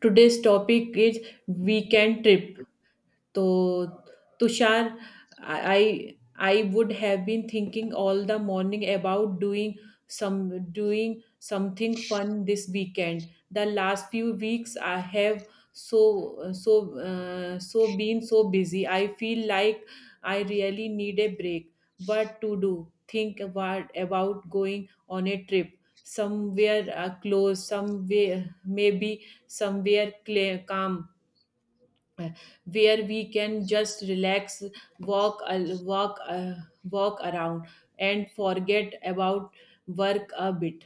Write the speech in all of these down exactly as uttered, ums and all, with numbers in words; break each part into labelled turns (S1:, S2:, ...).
S1: Today's topic is weekend trip. So, Tushar, I I would have been thinking all the morning about doing some doing something fun this weekend. The last few weeks I have so so uh, so been so busy. I feel like I really need a break. What to do? Think about about going on a trip somewhere uh, close, somewhere maybe somewhere clear, calm uh, where we can just relax walk al- walk uh, walk around and forget about work a bit.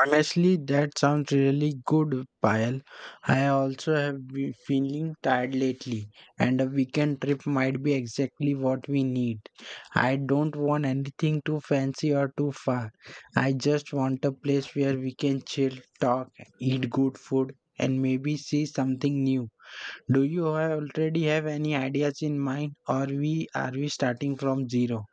S2: Honestly, that sounds really good, Payal. I also have been feeling tired lately, and a weekend trip might be exactly what we need. I don't want anything too fancy or too far. I just want a place where we can chill, talk, eat good food, and maybe see something new. Do you have- already have any ideas in mind, or we are we starting from zero?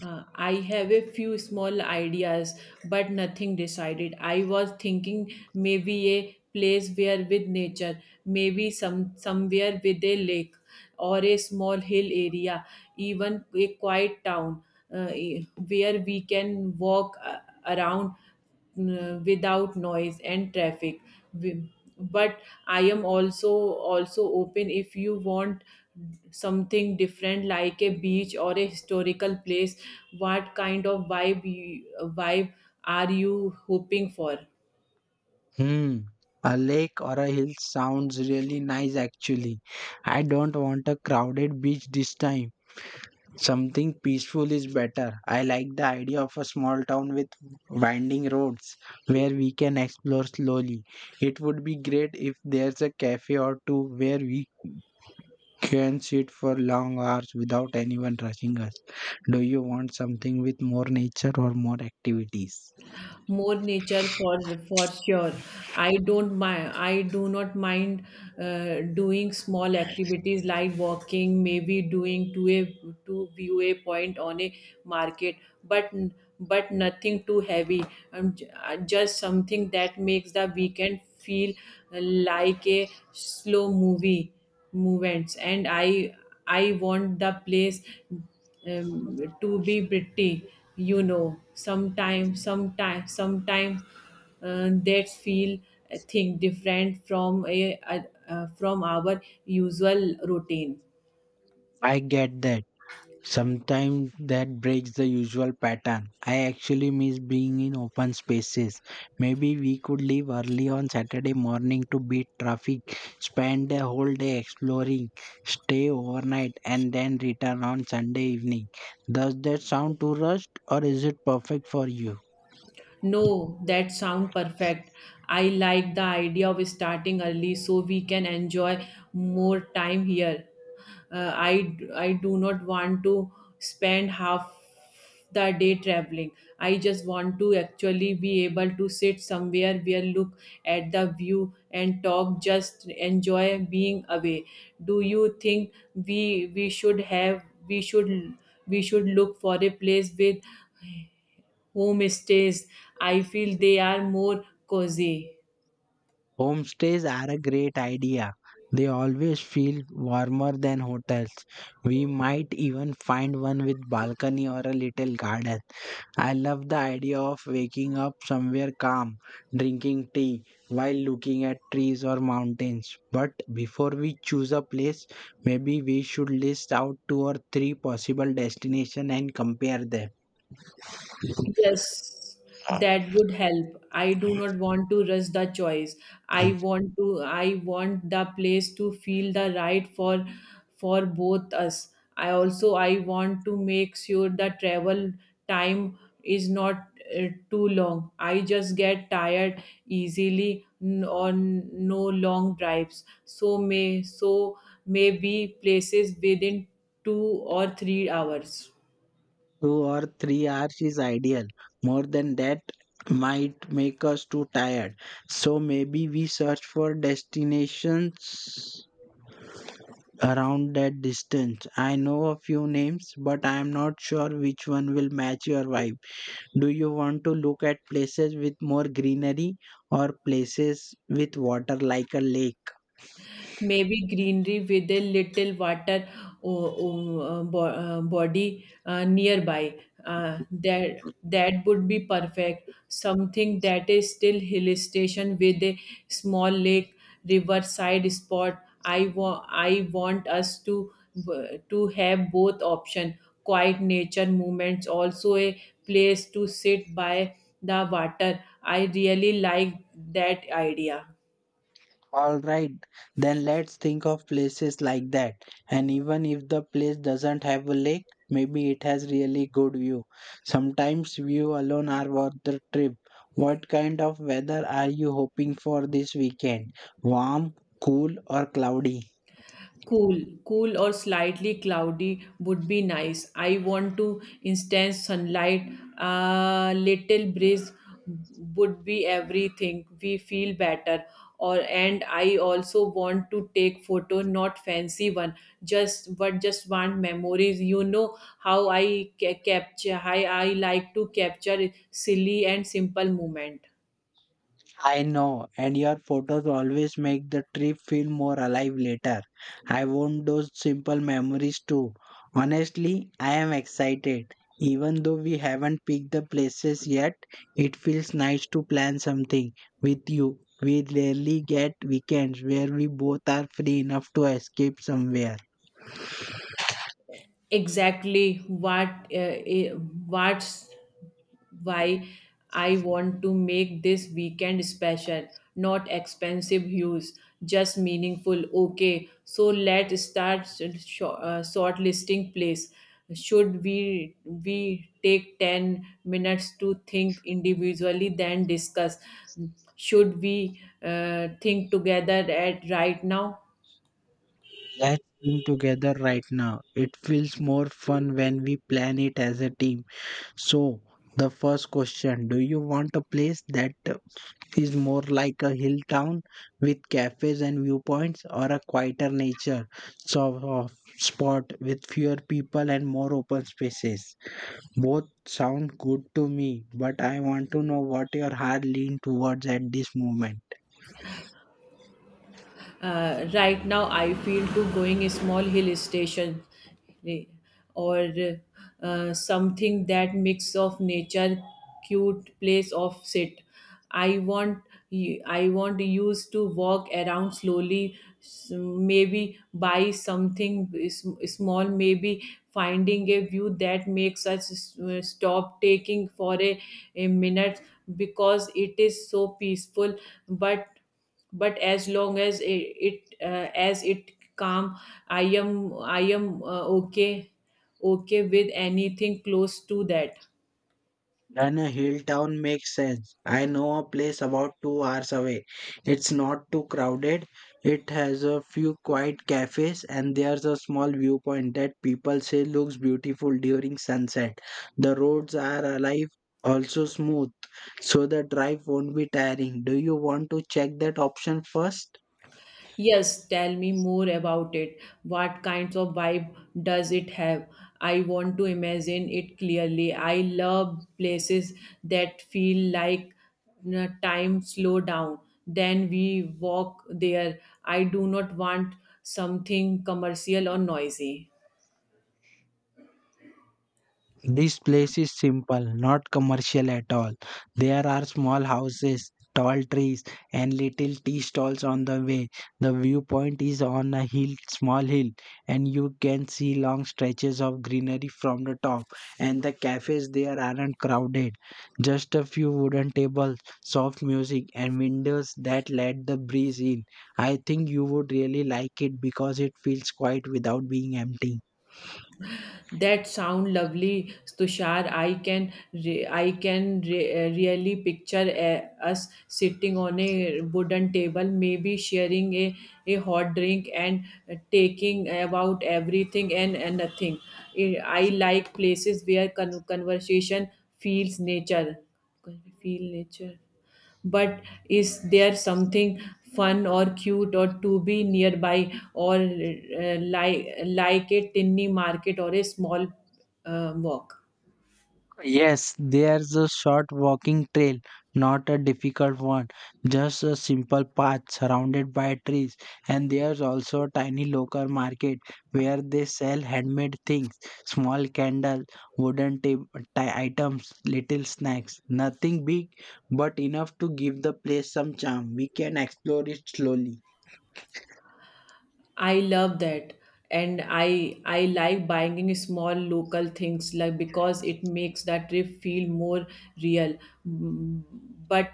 S1: Uh, I have a few small ideas, but nothing decided. I was thinking maybe a place where with nature, maybe some somewhere with a lake or a small hill area, even a quiet town, uh, where we can walk uh, around uh, without noise and traffic. We- But I am also also open if you want something different like a beach or a historical place. What kind of vibe you, vibe are you hoping for?
S2: Hmm. A lake or a hill sounds really nice actually. I don't want a crowded beach this time. Something peaceful is better. I like the idea of a small town with winding roads where we can explore slowly. It would be great if there's a cafe or two where we can sit for long hours without anyone rushing us. Do you want something with more nature or more activities?
S1: More nature for for sure. I don't mind I do not mind uh, doing small activities like walking, maybe doing to a to view a point on a market, but but nothing too heavy. Um, j- uh, just something that makes the weekend feel like a slow movie movements. And i i want the place, um, to be pretty, you know, sometimes sometimes sometimes uh, that feel a thing different from a, a, uh, from our usual routine.
S2: I get that. Sometimes that breaks the usual pattern. I actually miss being in open spaces. Maybe we could leave early on Saturday morning to beat traffic, spend the whole day exploring, stay overnight, and then return on Sunday evening. Does that sound too rushed, or is it perfect for you?
S1: No, that sound perfect. I like the idea of starting early so we can enjoy more time here. Uh, I I do not want to spend half the day traveling. I just want to actually be able to sit somewhere where look at the view and talk, just enjoy being away. Do you think we we should have we should we should look for a place with homestays? I feel they are more cozy.
S2: Homestays are a great idea. They always feel warmer than hotels. We might even find one with balcony or a little garden. I love the idea of waking up somewhere calm, drinking tea while looking at trees or mountains. But before we choose a place, maybe we should list out two or three possible destinations and compare them.
S1: Yes, that would help. I do not want to rush the choice. I want to I want the place to feel the right for for both us. I also I want to make sure the travel time is not uh, too long. I just get tired easily n- on no long drives. So may so maybe places within two or three hours.
S2: Two or three hours is ideal. More than that might make us too tired. So maybe we search for destinations around that distance. I know a few names, but I am not sure which one will match your vibe. Do you want to look at places with more greenery or places with water like a lake?
S1: Maybe greenery with a little water o- o- uh, bo- uh, body uh, nearby. Uh, that that would be perfect. Something that is still hill station with a small lake, riverside spot. I want I want us to b- to have both option. Quiet nature movements, also a place to sit by the water. I really like that idea.
S2: All right, then let's think of places like that. And even if the place doesn't have a lake, maybe it has really good view. Sometimes view alone are worth the trip. What kind of weather are you hoping for this weekend? Warm, cool, or cloudy?
S1: Cool, cool or slightly cloudy would be nice. I want to instant sunlight. A little breeze would be everything. We feel better. Or and I also want to take photo, not fancy one. Just but just want memories. You know how I ca- capture. How I like to capture silly and simple moment.
S2: I know, and your photos always make the trip feel more alive later. I want those simple memories too. Honestly, I am excited. Even though we haven't picked the places yet, it feels nice to plan something with you. We rarely get weekends where we both are free enough to escape somewhere.
S1: Exactly what uh, eh, what's why I want to make this weekend special. Not expensive hues, just meaningful. Okay, so let's start sh- uh, shortlisting place. Should we we take ten minutes to think individually, then discuss? Should we uh, think together at right now?
S2: Let's think together right now. It feels more fun when we plan it as a team. So, the first question, do you want a place that is more like a hill town with cafes and viewpoints, or a quieter nature sort of spot with fewer people and more open spaces. Both sound good to me, but I want to know what your heart leans towards at this moment.
S1: Uh, right now I feel to going a small hill station, eh, or uh, something that mix of nature, cute place of sit. i want I want used to walk around slowly, s- maybe buy something is- small, maybe finding a view that makes us s- stop taking for a, a minute because it is so peaceful. but but as long as it, it uh, as it calm, i am I am uh, okay, okay with anything close to that.
S2: Then a hill town makes sense. I know a place about two hours away. It's not too crowded. It has a few quiet cafes and there's a small viewpoint that people say looks beautiful during sunset. The roads are alive, also smooth, so the drive won't be tiring. Do you want to check that option first?
S1: Yes, tell me more about it. What kinds of vibe does it have? I want to imagine it clearly. I love places that feel like, uh, time slow down then we walk there. I do not want something commercial or noisy.
S2: This place is simple, not commercial at all. There are small houses, tall trees, and little tea stalls on the way. The viewpoint is on a hill, small hill, and you can see long stretches of greenery from the top. And the cafes there aren't crowded. Just a few wooden tables, soft music, and windows that let the breeze in. I think you would really like it because it feels quiet without being empty.
S1: That sound lovely, Tushar. I can re- I can re- uh, really picture uh, us sitting on a wooden table, maybe sharing a, a hot drink and uh, taking about everything and, and nothing. I I like places where con- conversation feels nature. Feel nature. But is there something fun or cute or to be nearby or, uh, like like a tiny market or a small uh, walk?
S2: Yes, there's a short walking trail, not a difficult one, just a simple path surrounded by trees. And there's also a tiny local market where they sell handmade things, small candles, wooden ta- ti- items, little snacks. Nothing big, but enough to give the place some charm. We can explore it slowly.
S1: I love that. And I I like buying small local things, like, because it makes that trip feel more real. Mm, but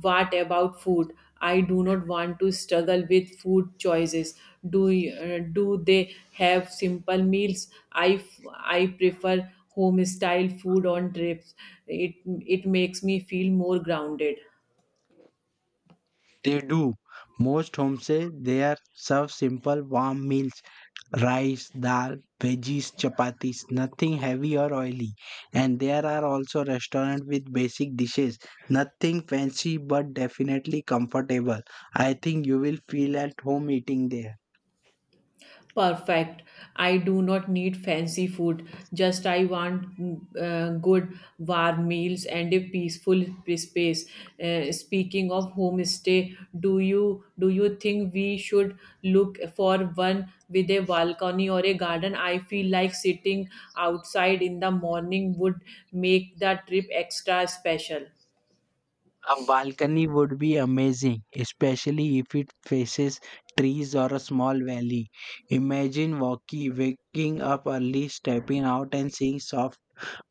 S1: what about food? I do not want to struggle with food choices. Do y- uh, do they have simple meals? I f- I prefer home style food on trips. It it makes me feel more grounded.
S2: They do. Most homes say they are serve simple warm meals, rice, dal, veggies, chapatis, nothing heavy or oily. And there are also restaurants with basic dishes, nothing fancy but definitely comfortable. I think you will feel at home eating there.
S1: Perfect. I do not need fancy food, just I want uh, good warm meals and a peaceful space. Uh, speaking of homestay, do you do you think we should look for one with a balcony or a garden? I feel like sitting outside in the morning would make the trip extra special.
S2: A balcony would be amazing, especially if it faces trees or a small valley. Imagine walking, waking up early, stepping out, and seeing soft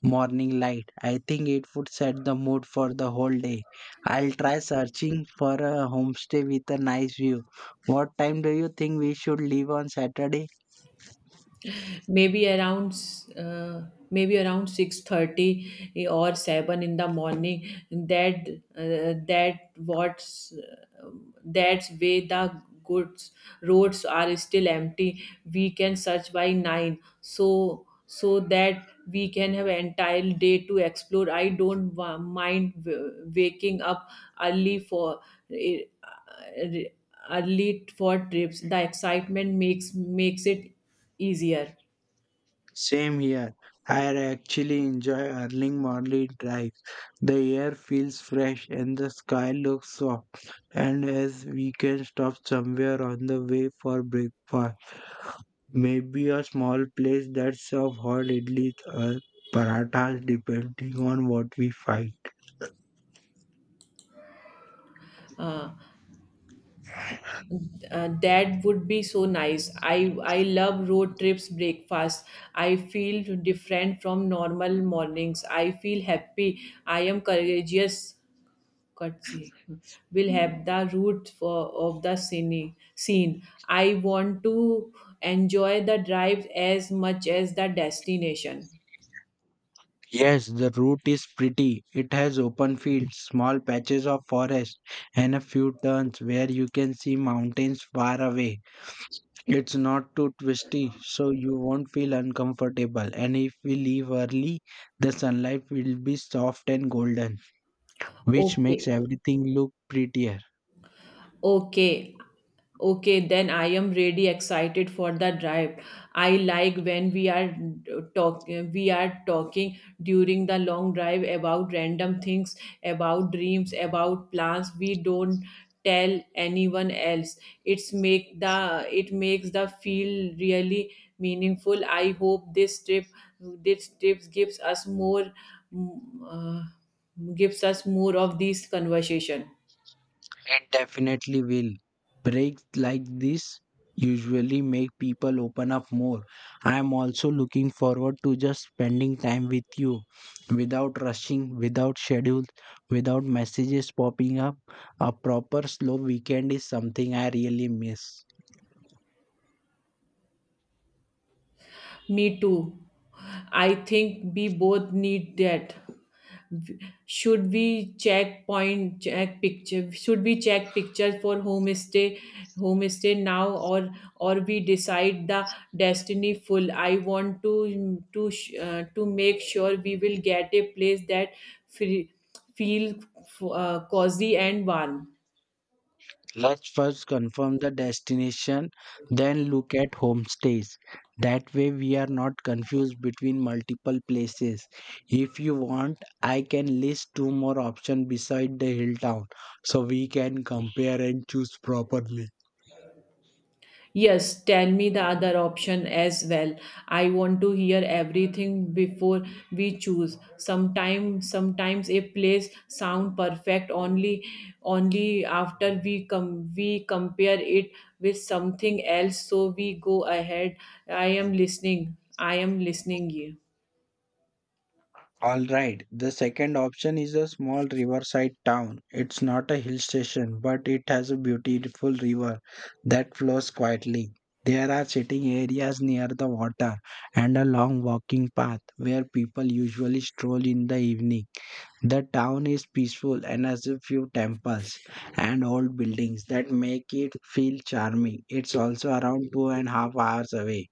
S2: morning light. I think it would set the mood for the whole day. I'll try searching for a homestay with a nice view. What time do you think we should leave on Saturday?
S1: Maybe around, uh, maybe around six thirty or seven in the morning. that uh, that what's uh, that's way the goods roads are still empty. We can search by nine so so that we can have entire day to explore. I don't wa- mind w- waking up early for, eh, uh, early for trips. The excitement makes makes it easier.
S2: Same here. I actually enjoy early morning drive. The air feels fresh and the sky looks soft. And as we can stop somewhere on the way for breakfast, maybe a small place that serves hot idlis or parathas depending on what we find.
S1: Uh, uh, that would be so nice. I I love road trips breakfast. I feel different from normal mornings. I feel happy. I am courageous. Courtesy will have the root for of the scene. Scene. I want to enjoy the drive as much as the destination.
S2: Yes, the route is pretty. It has open fields, small patches of forest, and a few turns where you can see mountains far away. It's not too twisty, so you won't feel uncomfortable. And if we leave early, the sunlight will be soft and golden, which makes
S1: Okay.
S2: everything look prettier.
S1: Okay. Okay, then I am really excited for the drive. I like when we are talk we are talking during the long drive about random things, about dreams, about plans we don't tell anyone else. It's make the it makes the feel really meaningful. I hope this trip this trip gives us more, mm, uh, gives us more of these conversation.
S2: It definitely will. Breaks like this usually make people open up more. I am also looking forward to just spending time with you without rushing, without schedules, without messages popping up. A proper slow weekend is something I really miss.
S1: Me too. I think we both need that. Should we check point check picture? Should we check pictures for homestay homestay now, or or we decide the destiny full? I want to to sh- uh, to make sure we will get a place that feel feel uh, cozy and warm.
S2: Let's first confirm the destination, then look at homestays. That way, we are not confused between multiple places. If you want, I can list two more options beside the hill town so we can compare and choose properly.
S1: Yes, tell me the other option as well. I want to hear everything before we choose. Sometimes sometimes a place sound perfect only only after we com- we compare it with something else, so we go ahead. I am listening. I am listening you.
S2: All right, the second option is a small riverside town. It's not a hill station, but it has a beautiful river that flows quietly. There are sitting areas near the water and a long walking path where people usually stroll in the evening. The town is peaceful and has a few temples and old buildings that make it feel charming. It's also around two and a half hours away.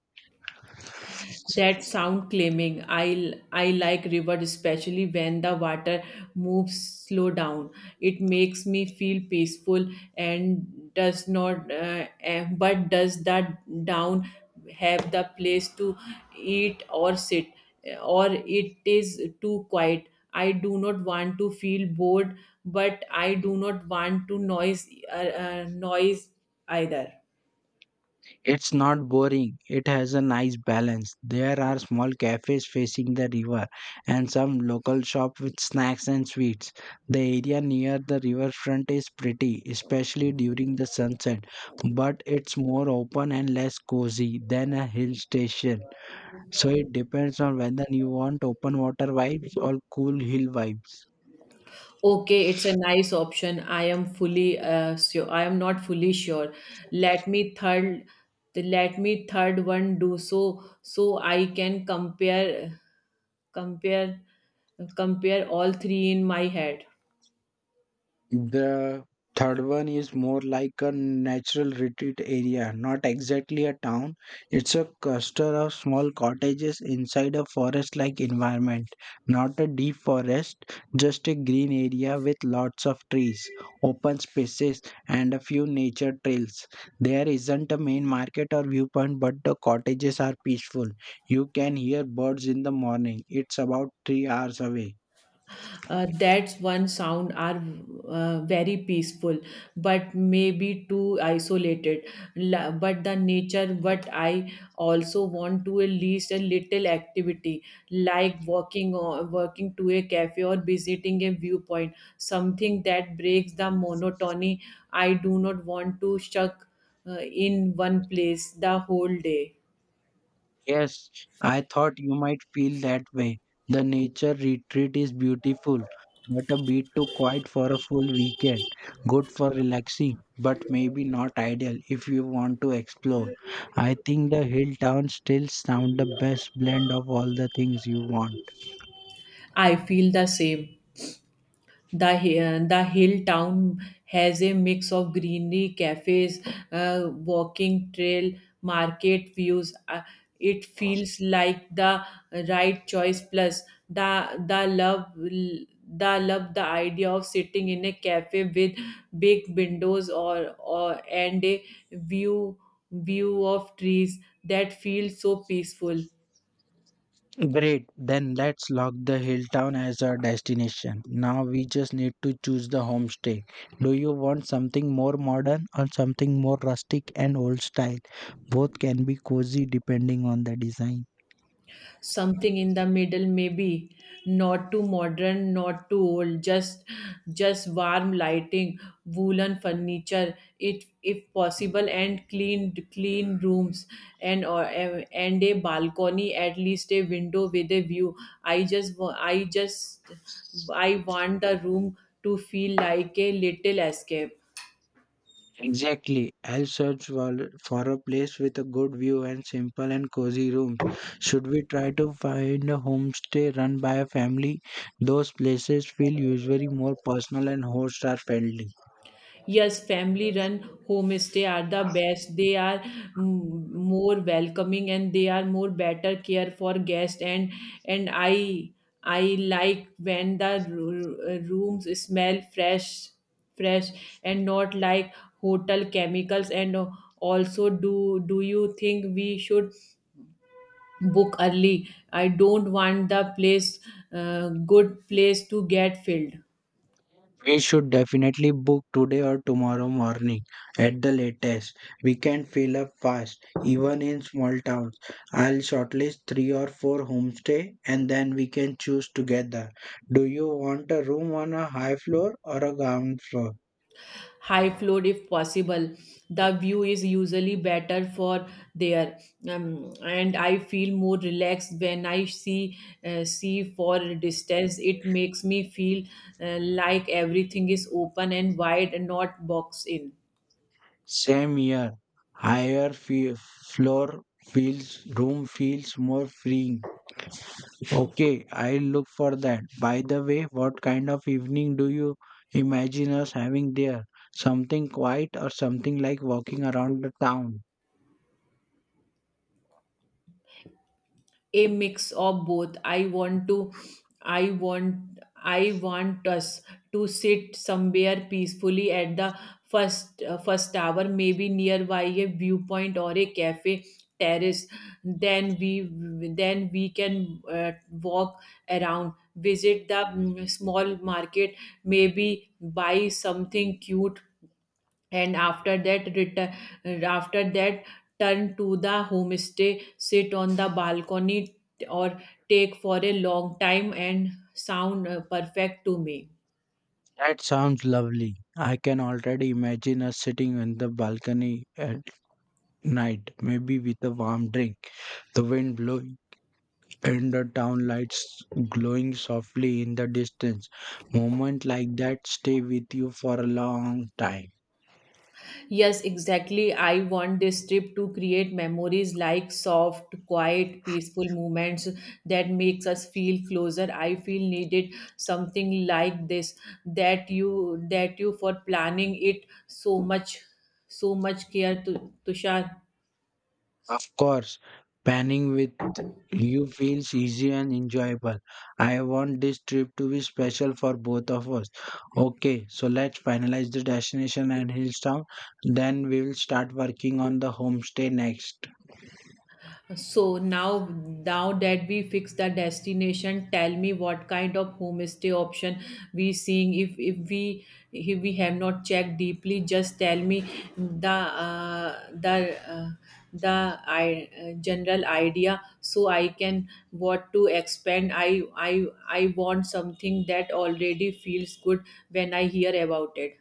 S1: That sound claiming. I i like river, especially when the water moves slow down. It makes me feel peaceful. And does not, uh, eh, but does that down have the place to eat or sit, or it is too quiet? I do not want to feel bored, but I do not want to noise, uh, uh, noise either.
S2: It's not boring. It has a nice balance. There are small cafes facing the river and some local shop with snacks and sweets. The area near the riverfront is pretty, especially during the sunset, but it's more open and less cozy than a hill station. So it depends on whether you want open water vibes or cool hill vibes.
S1: Okay, it's a nice option. I am fully uh, sure I am not fully sure. let me third Let me third one do, so so I can compare compare compare all three in my head.
S2: The third one is more like a natural retreat area, not exactly a town. It's a cluster of small cottages inside a forest like environment, not a deep forest, just a green area with lots of trees, open spaces, and a few nature trails. There isn't a main market or viewpoint, but the cottages are peaceful. You can hear birds in the morning. It's about three hours away.
S1: Uh, that's one sound are uh, very peaceful, but maybe too isolated. La- but the nature what I also want, to at least a little activity, like walking or working to a cafe or visiting a viewpoint, something that breaks the monotony. I do not want to stuck uh, in one place the whole day.
S2: Yes, I thought you might feel that way. The nature retreat is beautiful, but a bit too quiet for a full weekend. Good for relaxing, but maybe not ideal if you want to explore. I think the hill towns still sound the best blend of all the things you want.
S1: I feel the same. The hi- uh, the hill town has a mix of greenery, cafes, uh, walking trail, market views. Uh, it feels like the right choice. Plus, the the love the love the idea of sitting in a cafe with big windows, or or and a view view of trees, that feels so peaceful.
S2: Great, then let's lock the hill town as our destination. Now we just need to choose the homestay. Do you want something more modern or something more rustic and old style? Both can be cozy depending on the design.
S1: Something in the middle, maybe. Not too modern, not too old, just just warm lighting, woolen furniture it if possible, and clean clean rooms, and or and a balcony, at least a window with a view. I just wa- I just I want the room to feel like a little escape.
S2: Exactly. I'll search for, for a place with a good view and simple and cozy rooms. Should we try to find a homestay run by a family? Those places feel usually more personal and host are friendly.
S1: Yes, family run homestay are the best. They are, mm, more welcoming, and they are more better care for guests. and and I I like when the ru- rooms smell fresh fresh and not like hotel chemicals. And also, do do you think we should book early? I don't want the place, uh, good place to get filled.
S2: We should definitely book today or tomorrow morning at the latest. We can fill up fast, even in small towns. I'll shortlist three or four homestay and then we can choose together. Do you want a room on a high floor or a ground floor?
S1: High floor if possible. The view is usually better for there, um, and I feel more relaxed when I see uh, see for distance. It makes me feel uh, like everything is open and wide and not boxed in.
S2: Same here. Higher fe- floor feels, room feels more freeing. Okay, I'll look for that. By the way, what kind of evening do you imagine us having there? Something quiet or something like walking around the town?
S1: A mix of both. I want to, i want i want us to sit somewhere peacefully at the first uh, first hour, maybe nearby a viewpoint or a cafe terrace. Then we then we can uh, walk around, visit the mm, small market, maybe buy something cute. And after that return, after that turn to the homestay, sit on the balcony or take for a long time and sound uh, perfect to me.
S2: That sounds lovely. I can already imagine us sitting on the balcony at night, maybe with a warm drink, the wind blowing, and the town lights glowing softly in the distance. Moments like that stay with you for a long time.
S1: Yes, exactly, I want this trip to create memories like soft, quiet, peaceful moments that makes us feel closer. I feel needed something like this. That you that you for planning it so much, so much care to, Tushar.
S2: Of course, panning with you feels easy and enjoyable. I want this trip to be special for both of us. Okay, so let's finalize the destination and Hillstown. Then we will start working on the homestay next.
S1: So now, now that we fix the destination, tell me what kind of homestay option we seeing. If if we if we have not checked deeply, just tell me the uh, the uh, the I, uh, general idea so I can what to expand. I I I want something that already feels good when I hear about it.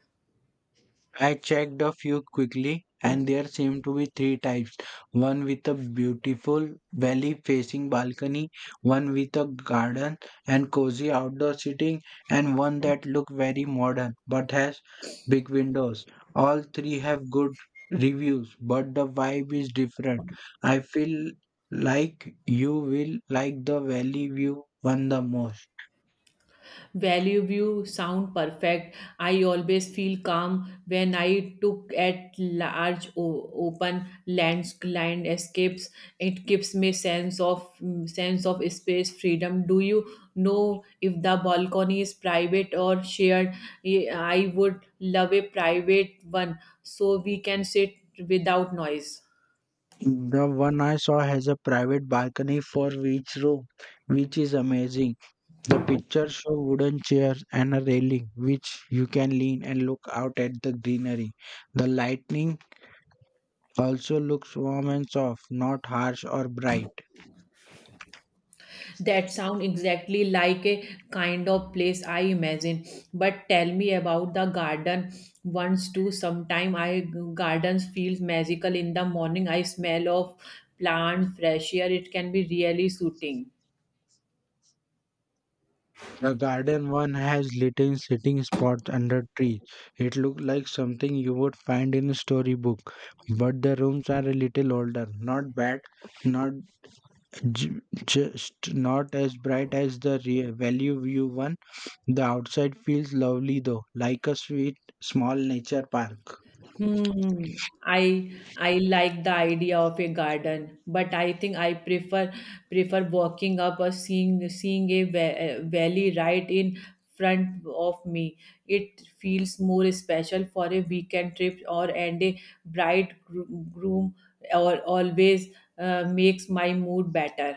S2: I checked a few quickly, and there seemed to be three types, one with a beautiful valley facing balcony, one with a garden and cozy outdoor seating, and one that looked very modern but has big windows. All three have good reviews, but the vibe is different. I feel like you will like the valley view one the most.
S1: Value you sound perfect. I always feel calm when I took at large o- open land escapes. It gives me sense of mm, sense of space freedom. Do you know if the balcony is private or shared? Eh, I would love a private one so we can sit without noise.
S2: The one I saw has a private balcony for each room, which is amazing. The pictures show wooden chairs and a railing which you can lean and look out at the greenery. The lightning also looks warm and soft, not harsh or bright.
S1: That sound exactly like a kind of place I imagine. But tell me about the garden once too. Sometime I gardens feels magical in the morning. I smell of plant, fresh air. It can be really soothing.
S2: The garden one has little sitting spots under trees. It looks like something you would find in a storybook, but the rooms are a little older. Not bad, not j- just not as bright as the real value view one. The outside feels lovely though, like a sweet small nature park.
S1: Hmm. I I like the idea of a garden, but I think I prefer prefer walking up or seeing seeing a va- uh, valley right in front of me. It feels more special for a weekend trip or and a bride groom or always uh, makes my mood better.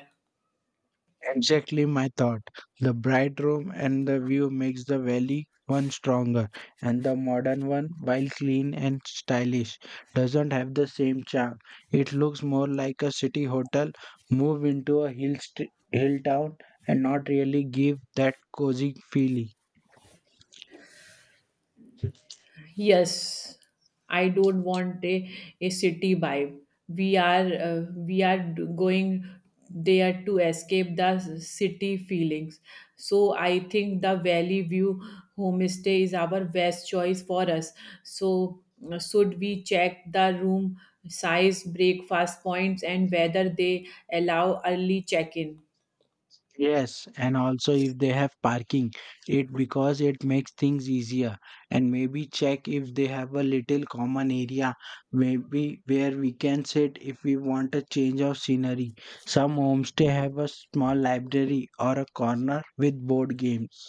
S2: Exactly my thought. The bright room and the view makes the valley one stronger, and the modern one, while clean and stylish, doesn't have the same charm. It looks more like a city hotel moved into a hill st- hill town and not really give that cozy feeling.
S1: Yes, I don't want a, a city vibe. We are uh, we are d- going there to escape the s- city feelings. So I think the Valley View homestay is our best choice for us. So uh, should we check the room size, breakfast points, and whether they allow early check-in?
S2: Yes, and also if they have parking, it because it makes things easier. And maybe check if they have a little common area, maybe where we can sit if we want a change of scenery. Some homestay have a small library or a corner with board games.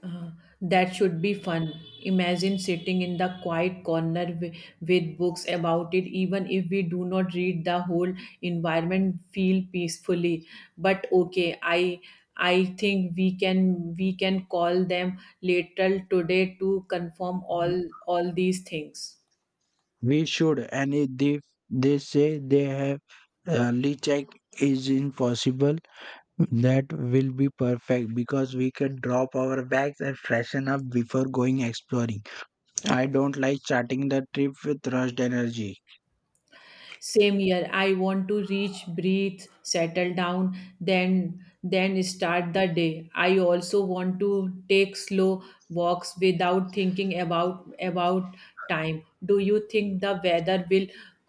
S1: Uh, that should be fun. Imagine sitting in the quiet corner wi- with books about it, even if we do not read, the whole environment feel peacefully. But okay, I I think we can we can call them later today to confirm all all these things.
S2: We should, and if they, they say they have early check is impossible, that will be perfect because we can drop our bags and freshen up before going exploring. I don't like starting the trip with rushed energy.
S1: Same year, I want to reach, breathe, settle down, then then start the day. I also want to take slow walks without thinking about about time. Do you think the weather will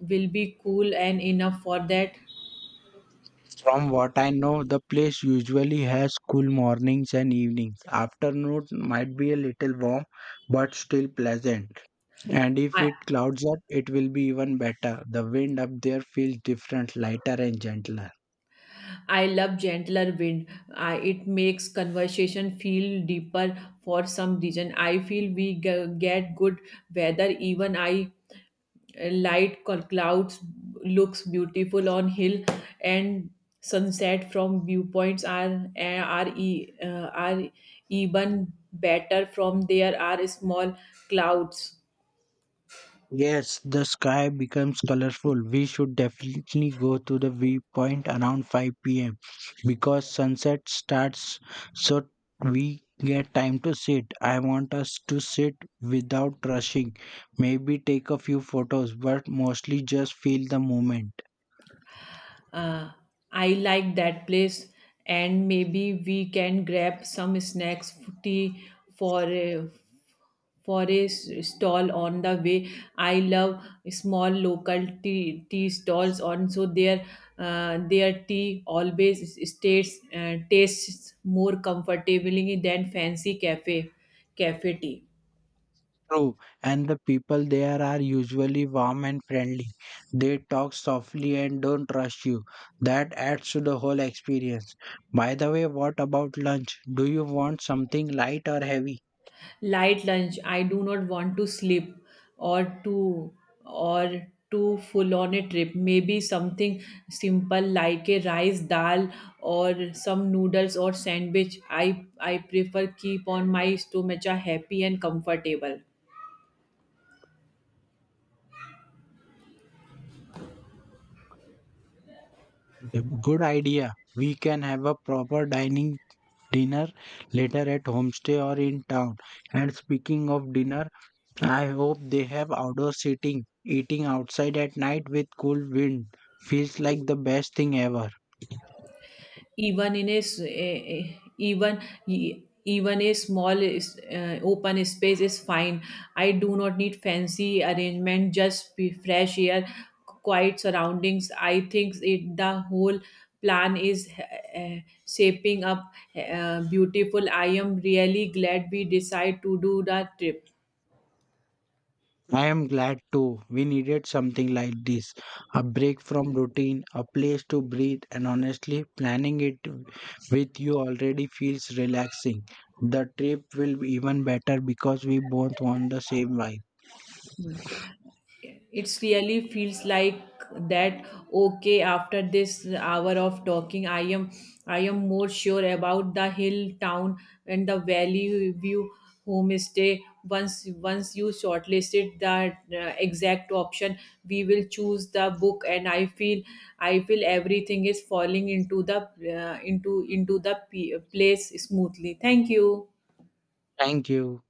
S1: will be cool and enough for that?
S2: From what I know, the place usually has cool mornings and evenings. Afternoon might be a little warm, but still pleasant. And if
S1: i
S2: it clouds up, it will be even better. The wind up there feels different, lighter, and gentler.
S1: i love gentler wind. I, it makes conversation feel deeper. For some reason I feel we g- get good weather. Even I light col- clouds looks beautiful on hill, and sunset from viewpoints are are e, uh, are even better from there are small clouds.
S2: Yes, the sky becomes colorful. We should definitely go to the viewpoint around five p m because sunset starts, so we get time to sit. I want us to sit without rushing. Maybe take a few photos, but mostly just feel the moment.
S1: Uh, I like that place, and maybe we can grab some snacks, tea for a, for a s- stall on the way. I love small local tea tea stalls. On so their uh, their tea always stays uh, tastes more comfortably than fancy cafe cafe tea.
S2: True, and the people there are usually warm and friendly. They talk softly and don't rush you. That adds to the whole experience. By the way, what about lunch? Do you want something light or heavy?
S1: Light lunch, I do not want to sleep or to, or too full on a trip. Maybe something simple like a rice dal or some noodles or sandwich. I i prefer keep on my stomach happy and comfortable.
S2: Good idea. We can have a proper dining dinner later at homestay or in town. And speaking of dinner, I hope they have outdoor seating. Eating outside at night with cool wind feels like the best thing ever.
S1: Even in a, s- a- a- even e- even a small is- uh, open space is fine. I do not need fancy arrangement, just be fresh air, quiet surroundings. I think it, the whole plan is uh, uh, shaping up uh, beautiful. I am really glad we decide to do the trip.
S2: I am glad too. We needed something like this, a break from routine, a place to breathe, and honestly, planning it with you already feels relaxing. The trip will be even better because we both want the same vibe.
S1: It's really feels like that. Okay, after this hour of talking, i am i am more sure about the hill town and the valley view homestay. Once once you shortlisted the uh, exact option, we will choose the book, and i feel i feel everything is falling into the uh, into into the p- place smoothly. Thank you.
S2: Thank you.